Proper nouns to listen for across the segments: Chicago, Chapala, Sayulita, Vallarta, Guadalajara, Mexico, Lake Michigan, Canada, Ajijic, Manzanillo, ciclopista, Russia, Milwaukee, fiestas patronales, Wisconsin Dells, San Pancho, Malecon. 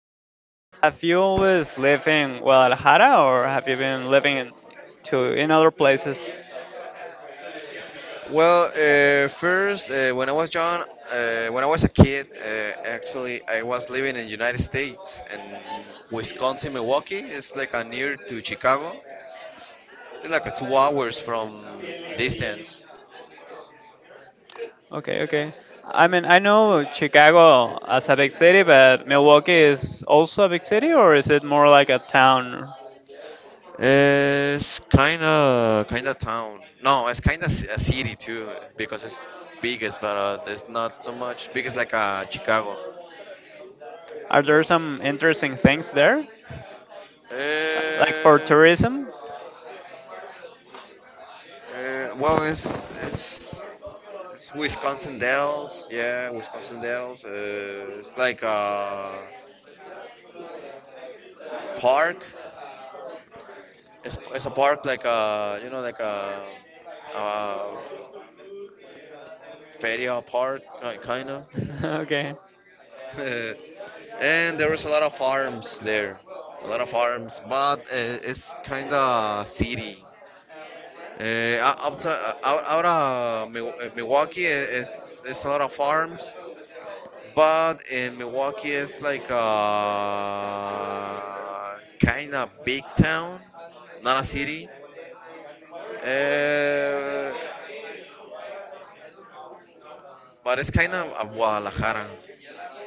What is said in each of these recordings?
wanted to ask, have you always lived in Guadalajara or have you been living in to in other places? When I was young, when I was a kid, actually, I was living in United States and Wisconsin, Milwaukee. It's like a near to Chicago. It's like a 2 hours from distance. Okay, okay. I mean, I know Chicago as a big city, but Milwaukee is also a big city, or is it more like a town? It's kind of town. No, it's kind of a city too because it's biggest, but it's not so much big. It's like Chicago. Are there some interesting things there, like for Uh, tourism? Uh, well, it's, it's it's Wisconsin Dells, yeah, Wisconsin Dells. It's like a park. It's a park like a feria park kind of. Okay. And there is a lot of farms there, a lot of farms, but it's kind of city. Out of Milwaukee it's a lot of farms. But in Milwaukee, it's like a kind of big town, not a city. Uh, but it's kind of a Guadalajara,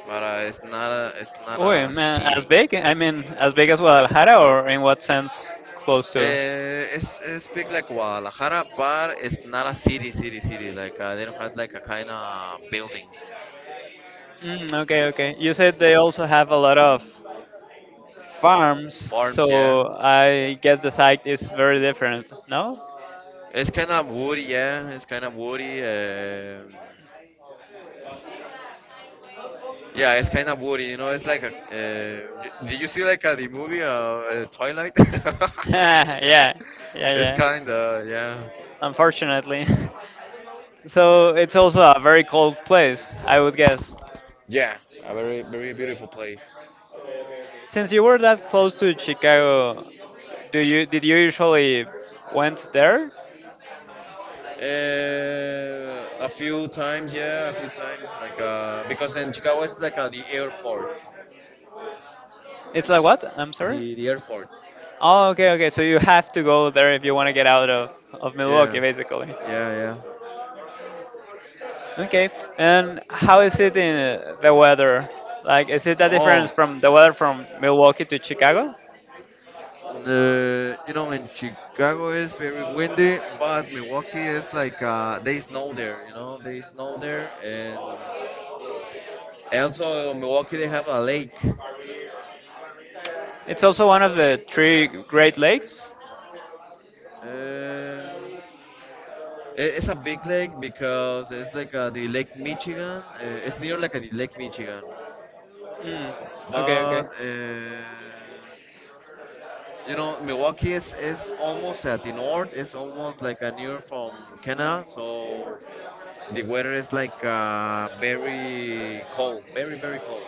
but it's not Oh, a man, as city. big? I mean, as big as Guadalajara, or in what sense close to? It's big like Guadalajara, but it's not a city. Like they don't have like a kind of buildings, Mm, okay, okay. You said they also have a lot of farms, farms, yeah. so I guess the site is very different, no? It's kind of woody, yeah. It's kind of woody. Yeah, it's kind of woody. You know, it's like a. Did you see like a, the movie Twilight? Yeah, yeah, It's yeah, kind of yeah, unfortunately. So it's also a very cold place, I would guess. yeah, a very beautiful place. Since you were that close to Chicago, do you did you usually went there? A few times, yeah, a few times. Like because in Chicago it's like the airport, It's like what? I'm sorry? the airport. Oh, okay, okay. So you have to go there if you want to get out of Milwaukee, Yeah, basically. yeah, yeah. Okay, and how is it in the weather? Like, is it a difference Oh, from the weather from Milwaukee to Chicago? the you know in Chicago is very windy, but Milwaukee is like they snow there. You know, they snow there and. Also, in Milwaukee they have a lake. It's also one of the three Great Lakes. It's a big lake because it's like the Lake Michigan. It's near like the Lake Michigan, Mm. Okay, okay. but you know Milwaukee is almost at the north. It's almost like a near from Canada, so the weather is like very cold, very cold.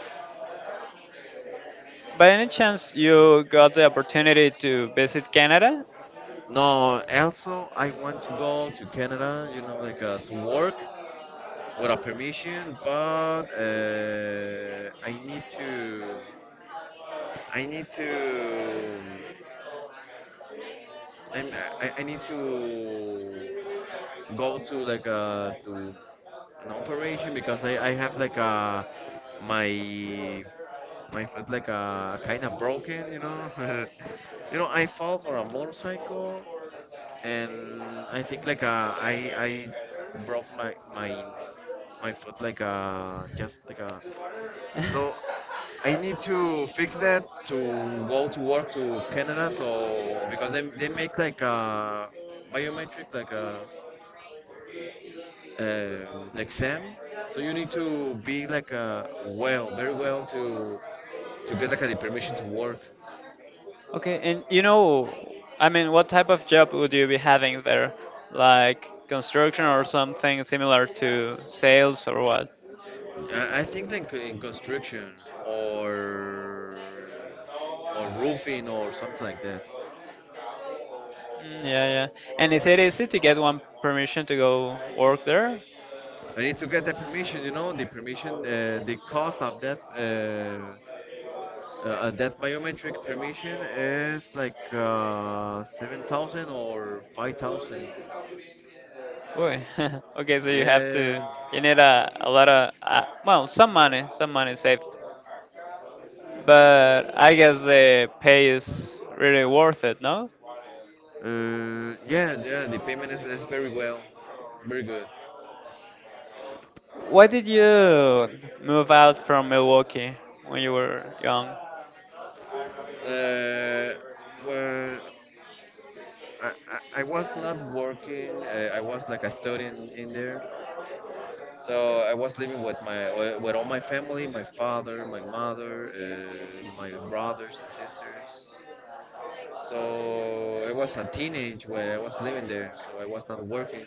By any chance, you got the opportunity to visit Canada? No, also I want to go to Canada. You know, like to work without permission, but I need to. I need to. I'm, I need to go to like a to an operation because I have like a my my foot like a kind of broken you know. You know I fall for a motorcycle and I think like a I broke my my foot like a just like a. So I need to fix that to go to work to Canada. So because they make like a biometric like a exam. So you need to be like a well, very well to get like a the permission to work. Okay, and I mean, what type of job would you be having there? Like construction or something similar to sales or what? I think like in construction or roofing or something like that. Mm, yeah, yeah. And is it easy to get one permission to go work there? I need to get the permission, you know, the permission, the cost of that. That biometric permission is like 7,000 or 5,000. Boy, okay, so Yeah. you need a lot of, well, some money saved. But I guess the pay is really worth it, no? Yeah, the payment is very well, very good. Why did you move out from Milwaukee when you were young? Uh, well, I was not working. I was like a student in there, so I was living with my with all my family, my father, my mother, my brothers and sisters. So I was a teenage where I was living there, so I was not working.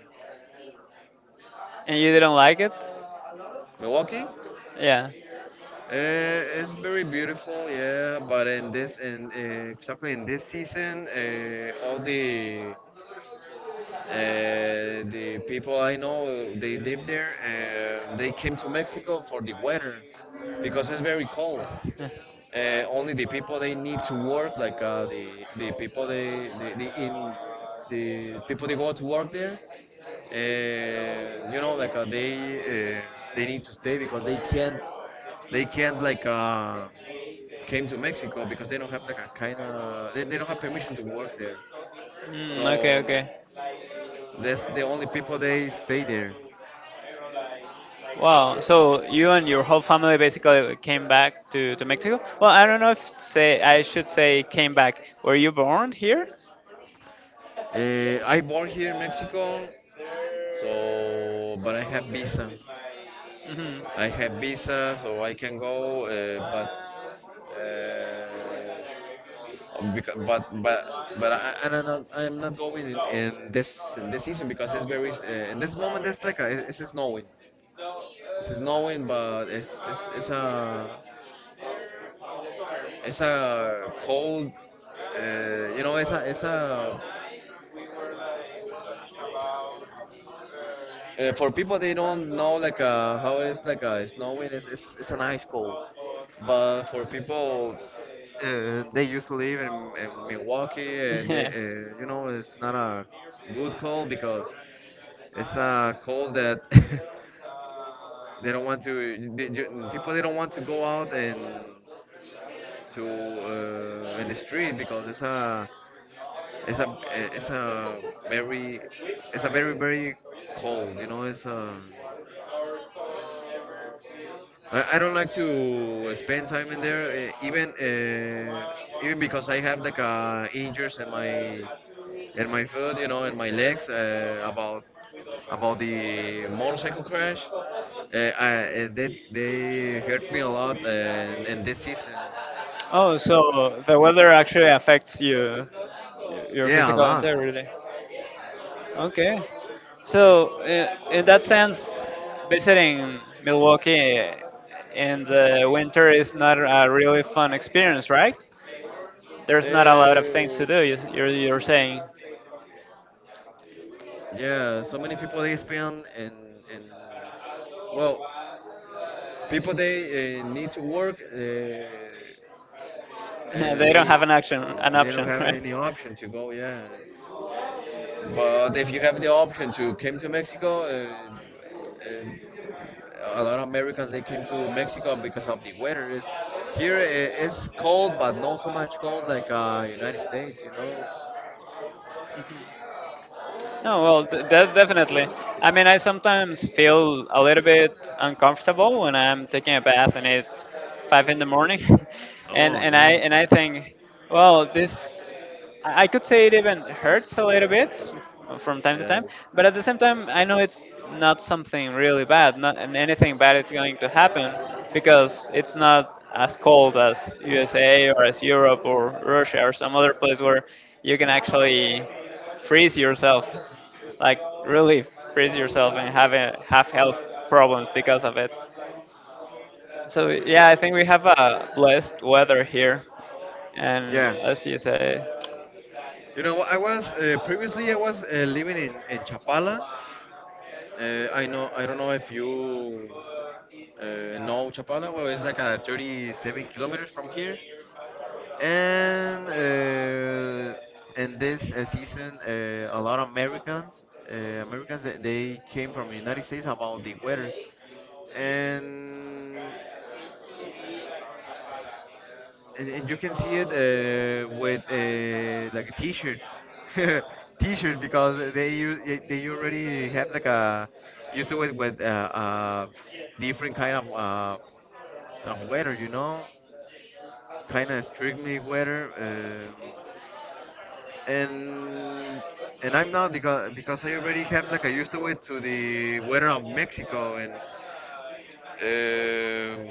And you didn't like it? Milwaukee, Yeah. It's very beautiful, yeah. But in this, in exactly in this season, all the people I know, they live there. They came to Mexico for the weather because it's very cold. Uh, Only the people they need to work, like the people they the people they go to work there. You know, like they need to stay because they can't like came to Mexico because they don't have like a kind of they don't have permission to work there. Mm, okay, okay. So that's the only people they stay there. Wow, so you and your whole family basically came back to Mexico? Well, I don't know if say I should say came back. Were you born here? I born here in Mexico, so but I have visa. Hmm. I have visa, so I can go. But uh, because, But I don't know. I'm not going in this season because it's very in this moment. It's like a, it's snowing. It's snowing, but it's a cold. You know, it's a for people they don't know like how it is like snowing it's an ice cold, but for people they used to live in Milwaukee, they you know it's not a good cold because it's a cold that they don't want to people they don't want to go out and to in the street because it's a very very cold you know it's a. I don't like to spend time in there, eh, even because I have like injuries in my foot, you know, in my legs about the motorcycle crash. They hurt me a lot in this season. Oh, so the weather actually affects you, your Yeah, a physical lot. integrity. Okay. So, in that sense, visiting Milwaukee in the winter is not a really fun experience, right? There's not a lot of things to Uh, do, you're saying. yeah, so many people they spend and well. people they need to work. Uh, Yeah, they they don't have an action, an they don't option, have right? any option to go. Yeah, but if you have the option to come to Mexico, uh, a lot of Americans they came to Mexico because of the weather. Is here it's cold, but not so much cold like United States. You know. No, well, definitely. I mean, I sometimes feel a little bit uncomfortable when I'm taking a bath and it's 5 in the morning. and Oh and I yeah, and I think, well, this I could say it even hurts a little bit from time to yeah, time, but at the same time, I know it's not something really bad, not and anything bad is going to happen, because it's not as cold as USA or as Europe or Russia or some other place where you can actually freeze yourself, like really freeze yourself, and have have health problems because of it. So yeah, I think we have a blessed weather here, and yeah. as you say. You know, I was previously I was living in Chapala. I know. I don't know if you know Chapala. Well, it's like 37 kilometers from here. And in this season, a lot of Americans, uh, Americans, they came from the United States about the weather. And and you can see it with like t-shirts t-shirts because they they already have like a used to it with uh, different kind of weather, you know, kind of strictly weather. And and I'm not because I already have like I used to it to the weather of Mexico. And um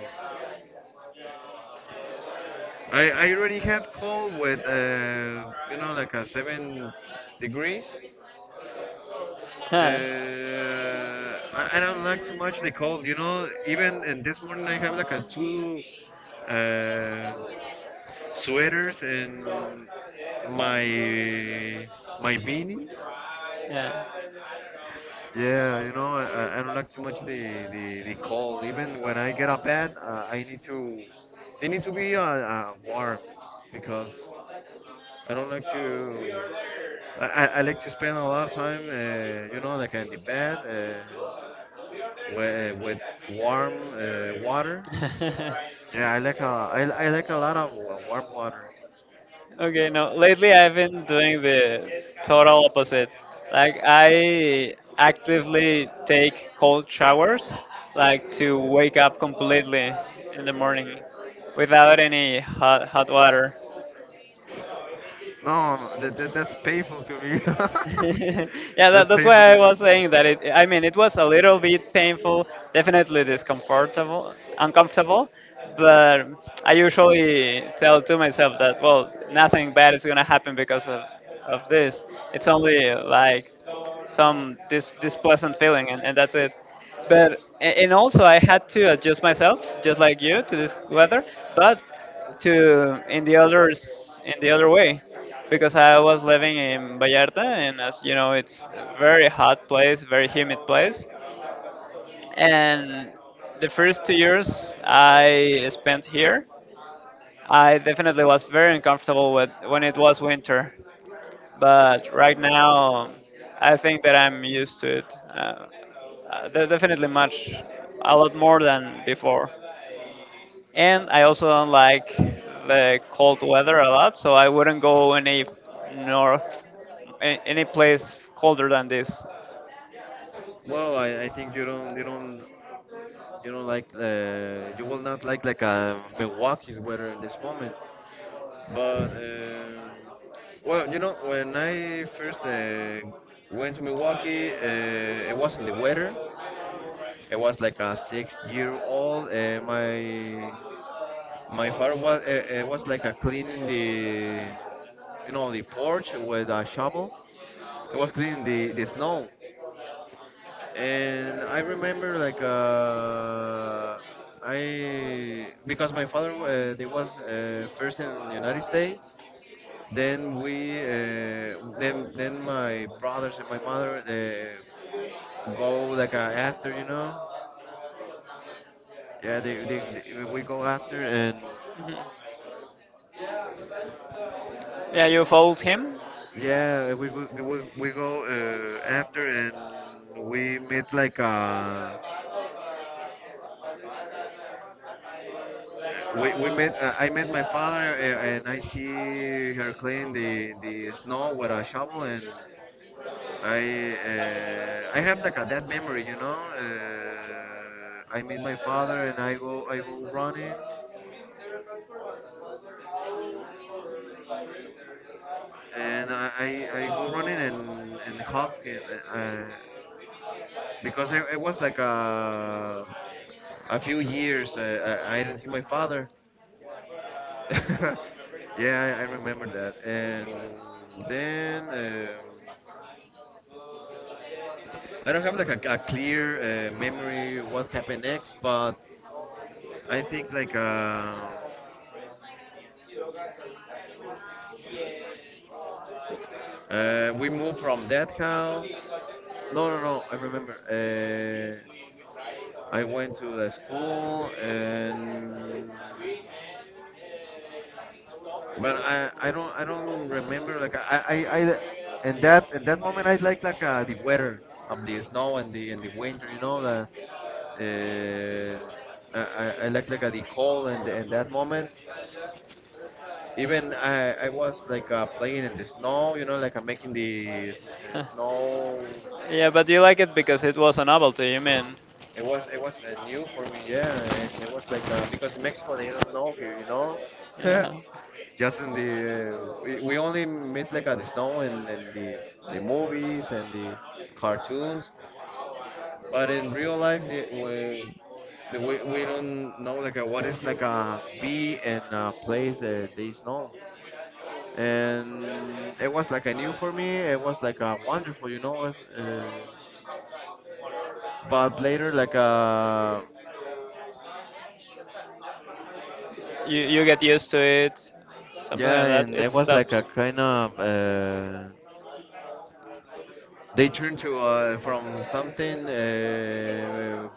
I already had cold with you know like a 7 degrees. Yeah. I don't like too much the cold. You know, even and this morning I have like a two uh, sweaters and my my beanie. Yeah, you know, I don't like too much the cold. Even when I get up bed, they need to be warm because I don't like to. I like to spend a lot of time, you know, like in the bed, with warm water. Yeah, I like a, I like a lot of warm water. Okay. No, lately I've been doing the total opposite, like I actively take cold showers, like to wake up completely in the morning without any hot water. No, no, that's painful to me. Yeah, that, That's that's painful why to I me. was saying that. I mean, it was a little bit painful, definitely discomfortable, uncomfortable. But I usually tell to myself that, well, nothing bad is gonna happen because of this. It's only like some this this pleasant feeling, and that's it. But and also I had to adjust myself just like you to this weather, but to in the others in the other way, because I was living in Vallarta, and as you know, it's a very hot place, very humid place. And the first 2 years I spent here, I definitely was very uncomfortable with when it was winter, but right now I think that I'm used to it. Definitely much, a lot more than before. And I also don't like the cold weather a lot, so I wouldn't go any north, any place colder than this. Well, I think you don't you don't like you will not like like Milwaukee's weather in this moment. But um, you know, when I first went to Milwaukee, it wasn't the weather. It was like a six-year-old. My my father was it was like a cleaning the you know the porch with a shovel. It was cleaning the snow, and I remember like I because my father they was first in the United States. Then then my brothers and my mother they go like after, you know. Yeah, they we go after and Mhm. Yeah, you followed him? yeah, we go after and we met like we met I met my father and I see her clean the snow with a shovel. And I have like a dead memory, you know. I meet my father and I go running, and I go running and hop in, uh, uh, because I was like a few years I didn't see my father. Yeah, I remember that. And then I don't have like a clear memory what happened next, but I think like. We moved from that house. No, no, no. I remember. I went to the school and, but I don't remember. Like in that moment, I like the weather of the snow and the winter. You know the. Uh, I like the cold and that moment. Even I was like playing in the snow, you know, like I'm making the Huh. snow. Yeah, but you like it because it was a novelty, you mean? It was new for me, yeah. And it was like because Mexico they don't know here, you know. Yeah. Just in the we only meet like at the snow and the movies and the cartoons, but in real life we don't know like what is like a be and a place that they snow, and it was like a new for me. It was like a wonderful, you know. It was, but later like You get used to it, something Yeah, like that, and it it was like a stops. kind of they turned to from something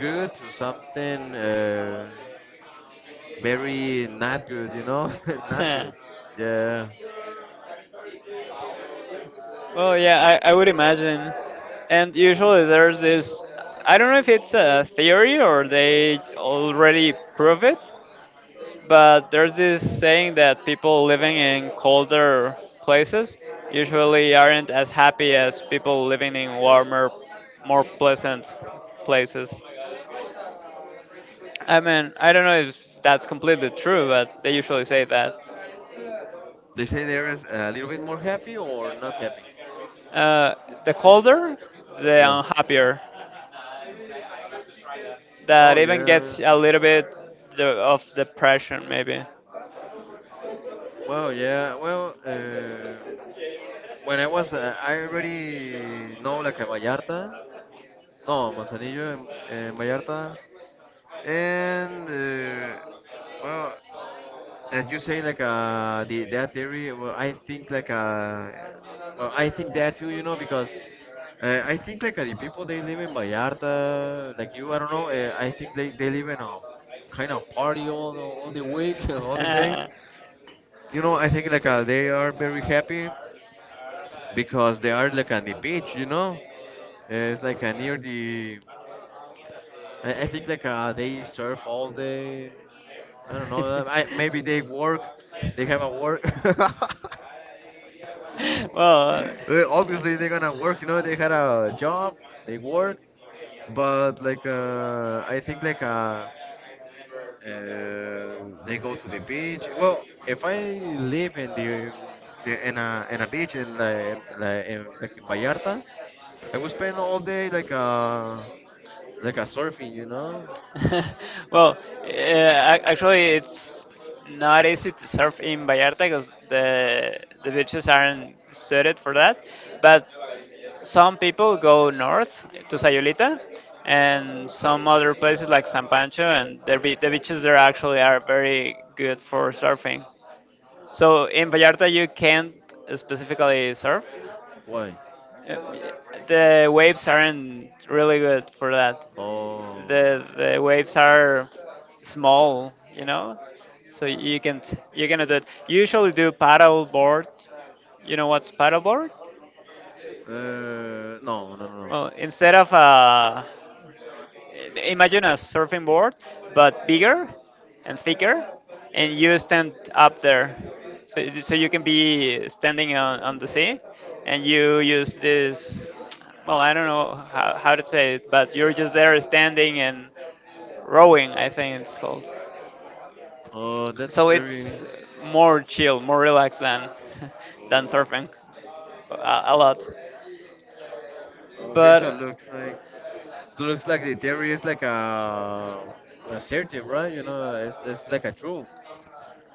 good to something very not good, you know, not good. Yeah, Well, yeah, I would imagine. And usually there's this I don't know if it's a theory or they already prove it, but there's this saying that people living in colder places usually aren't as happy as people living in warmer, more pleasant places. I mean, I don't know if that's completely true, but they usually say that. they say there is a little bit more happy or not happy. Uh, the colder, the Yeah. unhappier. Oh That even yeah. gets a little bit of depression maybe. Well, yeah. Well, when I was, I already know like a Vallarta. No, Manzanillo and Vallarta. And well, as you say, like the that theory. Well, I think like well, I think that too. You know, because I think like the people they live in Vallarta, like you, I don't know. I think they live in a kind of party all the week, all the day. You know, I think like they are very happy because they are like on the beach. You know, it's like near the. I think like they surf all day I don't know. I, maybe they work. They have a work. Well. Obviously, they're gonna work. You know, they had a job. They work. But like, I think like uh, they go to the beach. Well, if I live in in a beach in like in Vallarta, I would spend all day like like a surfing. You know. Well, actually, it's not easy to surf in Vallarta because the beaches aren't suited for that, but some people go north to Sayulita and some other places like San Pancho, and the beaches there actually are very good for surfing. So in Vallarta you can't specifically surf. Why? Uh, the waves aren't really good for that. Oh, The waves are small, so you're gonna do it. You usually do paddle board. You know what's paddle board? uh, no. Well, instead of a imagine a surfing board but bigger and thicker, and you stand up there, so, so you can be standing on the sea, and you use this, well, I don't know how to say it, but you're just there standing and rowing, I think it's called. Oh, that's So very. it's more chill, more relaxed than than surfing a, a lot. Okay, But so it looks like the theory is like a assertive, right? You know, it's like a true,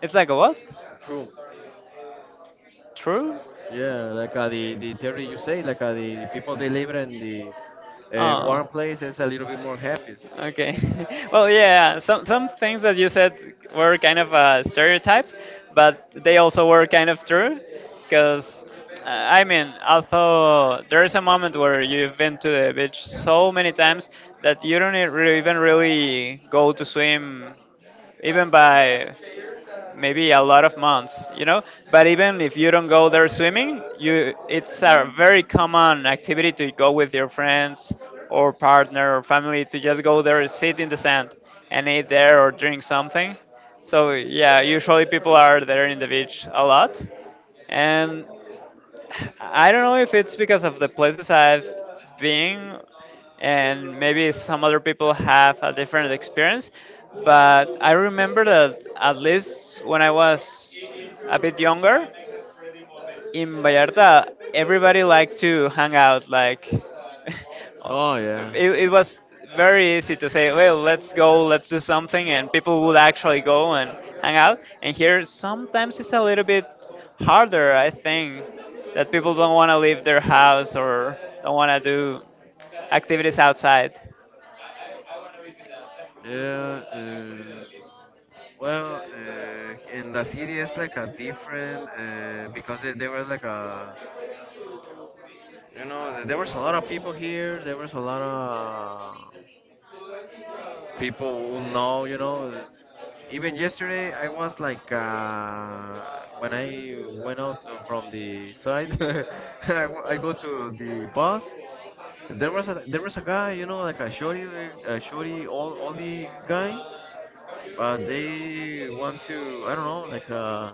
it's like a what? true. True. Yeah, like the theory you say, like the people they live in the Oh. warm place is a little bit more happy. Okay. Well, yeah, yeah. Some things that you said were kind of a stereotype, but they also were kind of true, because I mean, although there is a moment where you've been to the beach so many times that you don't even really go to swim, even by maybe a lot of months, but even if you don't go there swimming, you it's a very common activity to go with your friends or partner or family to just go there, sit in the sand and eat there or drink something. So yeah, usually people are there in the beach a lot, and I don't know if it's because of the places I've been, and maybe some other people have a different experience, but I remember that at least when I was a bit younger, in Vallarta, everybody liked to hang out. Like, it, Oh yeah, it was very easy to say, well, let's go, let's do something, and people would actually go and hang out. And here, sometimes it's a little bit harder, I think, that people don't want to leave their house or don't want to do activities outside. yeah. Uh, well, in the city it's like a different because it, there was like a you know there was a lot of people here. There was a lot of people who know you know. Even yesterday I was like when I went out from the side, I, I go to the bus. There was a guy you know like a shorty all guy, but they want to I don't know like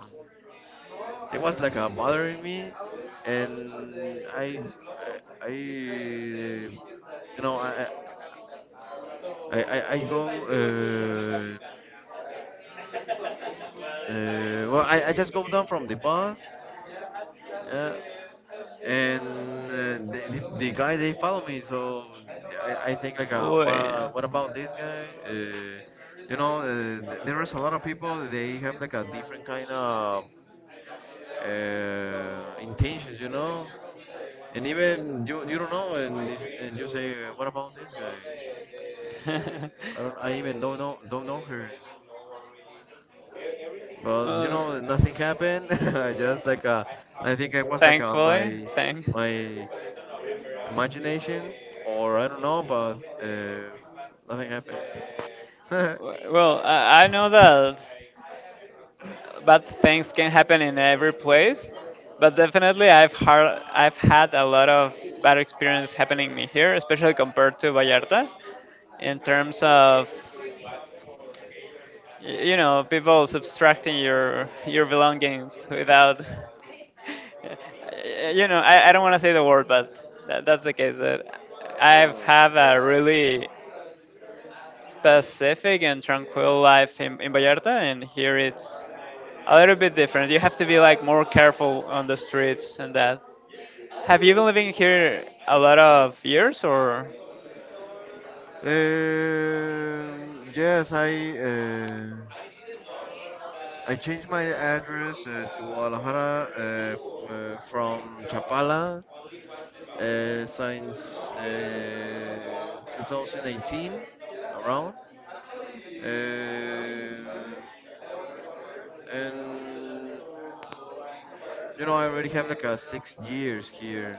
there was like a mother in me, and I you know, I go. Uh, well, I just go down from the bus, yeah, and the guy they follow me. So I think like, uh, Uy. what, what about this guy? You know, there is a lot of people. They have like a different kind of intentions, you know. And even you don't know, and it's, and you say, what about this guy? I don't. I even don't know her. But you uh, know, nothing happened. I just like I think I was like Thankfully, my thank. my imagination, or I don't know, but nothing happened. Well, I know that bad things can happen in every place, but definitely I've had a lot of bad experience happening me here, especially compared to Vallarta, in terms of people subtracting your belongings without you know, I don't want to say the word, but that's the case. That I've had a really pacific and tranquil life in Vallarta, and here it's a little bit different. You have to be like more careful on the streets and that. Have you been living here a lot of years, or yes, I changed my address to Guadalajara from Chapala since 2018 around. Um and you know, I already have like a 6 years here.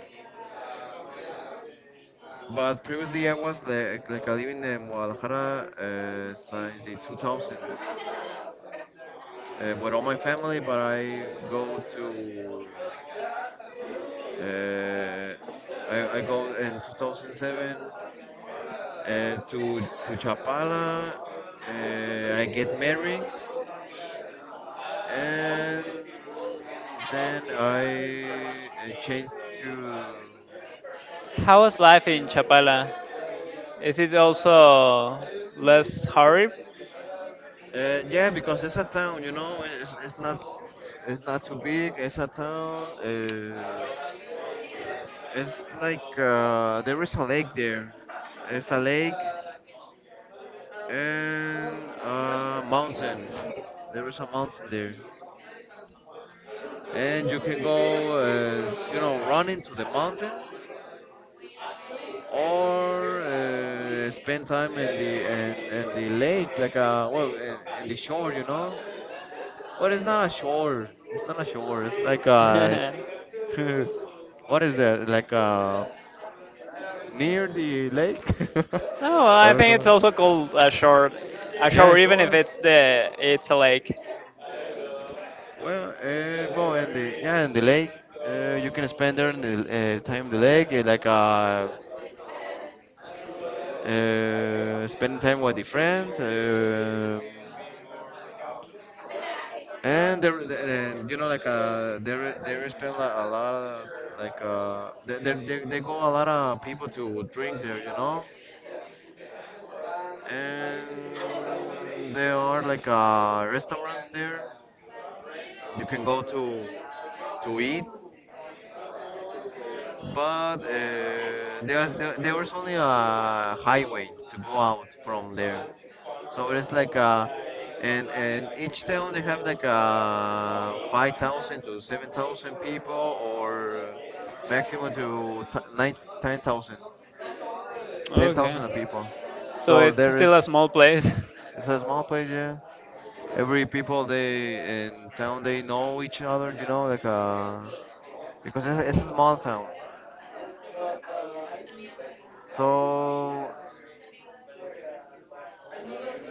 But previously, I was like living in Guadalajara since the 2000s. With all my family, but uh, I go in 2007 to Chapala. I get married, and then I changed to. how is life in Chapala? Is it also less hurry? Uh, yeah, because it's a town, you know. It's not it's not too big. It's a town. It's like there is a lake there. It's a lake and a mountain. There is a mountain there, and you can go, you know, run into the mountain or spend time in in the lake, like a well, in the shore, you know. But it's not a shore. It's not a shore. It's like a No, what is that? Like a near the lake? I I don't think it's know. also called a short, a Yeah, shore, even if sure. It's a lake. Well, well, in the yeah, in the lake, you can spend there in the time in the lake, spending time with the friends, and there, and, you know, like there spend like, a lot of like there go a lot of people to drink there, you know, and there are like restaurants there, you can go to eat but there was only a highway to go out from there. So it's like a, and each town they have like a 5,000 to 7,000 people or maximum to 9, 10,000, 10,000 Okay, of people. so So it's there still a is small place. it's a small place. Yeah. Every people they in town they know each other. You know like because it's a small town. So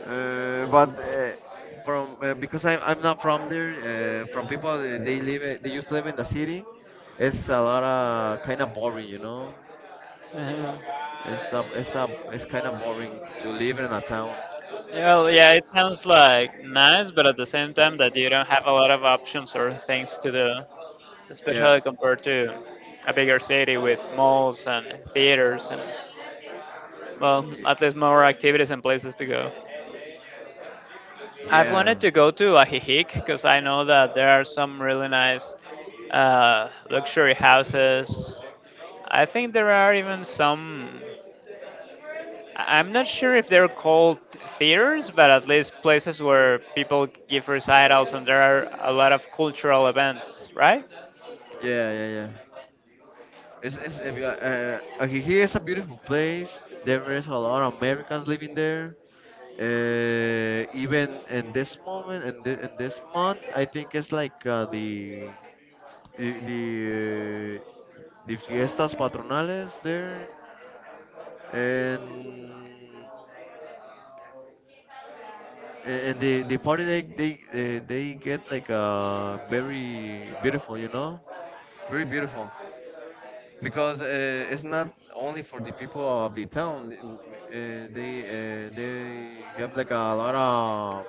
But from because I'm not from there. From people they live they just live in the city. It's a lot of kind of boring, you know. Uh-huh. It's a it's a it's kind of boring to live in a town. Well, yeah, it sounds like nice, but at the same time that you don't have a lot of options or things to do, Yeah, especially compared to a bigger city with malls and theaters and, well, at least more activities and places to go. I've yeah, wanted to go to Ajijic because I know that there are some really nice luxury houses. I think there are even some. I'm not sure if they're called theaters, but at least places where people give recitals, and there are a lot of cultural events, right? Yeah. It's Ajijic is a beautiful place. There is a lot of Americans living there. Even in this moment, in this month, I think it's like the the the fiestas patronales there and and the party they get like a very beautiful you know very beautiful because it's not only for the people of the town they have like a lot of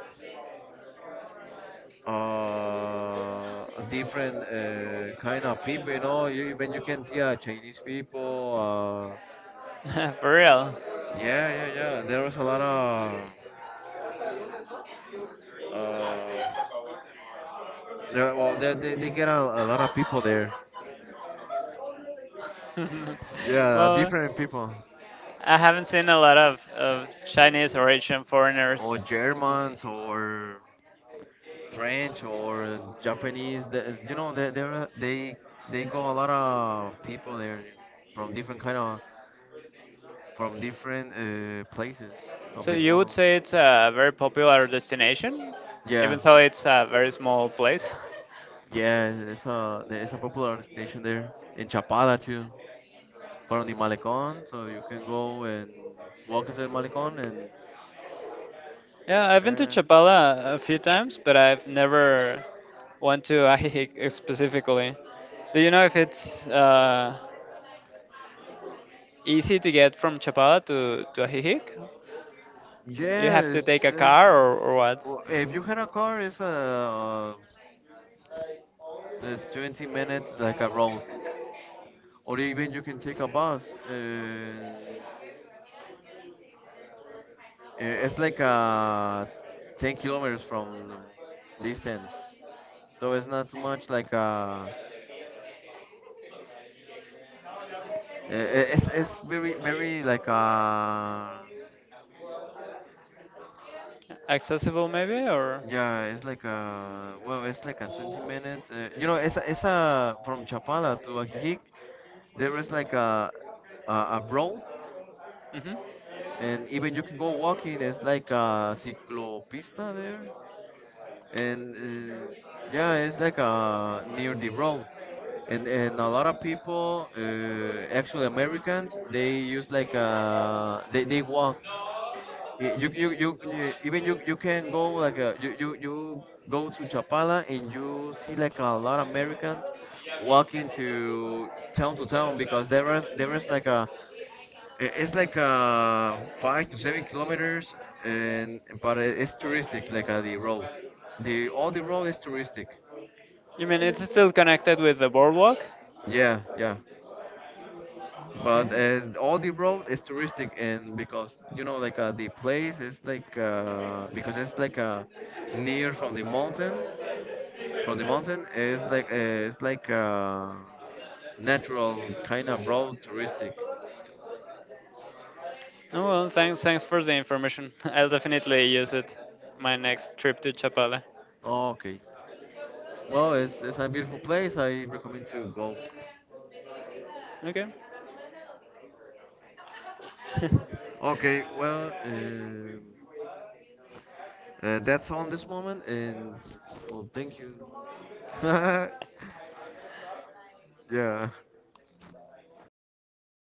different kind of people you know you, even you can see Chinese people For real. yeah, yeah, yeah. There was a lot of. Uh, there, well, they get a lot of people there. Yeah, Well, different people. I haven't seen a lot of Chinese or Asian Or foreigners. Germans, or French, or Japanese. They, you know, they they go a lot of people there from different kind of from different places of So the you would world. say it's a very popular destination, Yeah, even though it's a very small place? yeah. It's a popular destination there in Chapada too. From the Malecon, so you can go and walk into the Malecon and Yeah, I've been to uh, Chapala a few times, but I've never went to Ajijic specifically. Do you know if it's easy to get from Chapala to Ajijic? You yeah, have to take a car it's or what? well, if you had a car, it's a, 20 minutes like a road, or even you can take a bus. It's like 10 kilometers from distance, so it's not too much like it's very very like Accessible maybe or? yeah, it's like a well, it's like a 20 minute. You know, it's a from Chapala to Ajijic. There is like a road, Hmm. and even you can go walking. It's like a ciclopista there, and uh, yeah, it's like a near the road. And a lot of people, actually Americans, they use like they walk. Y- You even you you can go like a, you go to Chapala and you see like a lot of Americans walking to town because there is like a it's like a 5 to 7 kilometers and but it's touristic like the all the road is touristic You mean it's still connected with the boardwalk? yeah yeah. But Okay. and all the road is touristic, and because you know, like the place is like because it's like near from the mountain is like it's like natural kind of road touristic. Oh, well, thanks, thanks for the information. I'll definitely use it my next trip to Chapala. Okay, well, it's a beautiful place. I recommend to go. Okay. Okay, well, that's all this moment, and well, thank you. Yeah.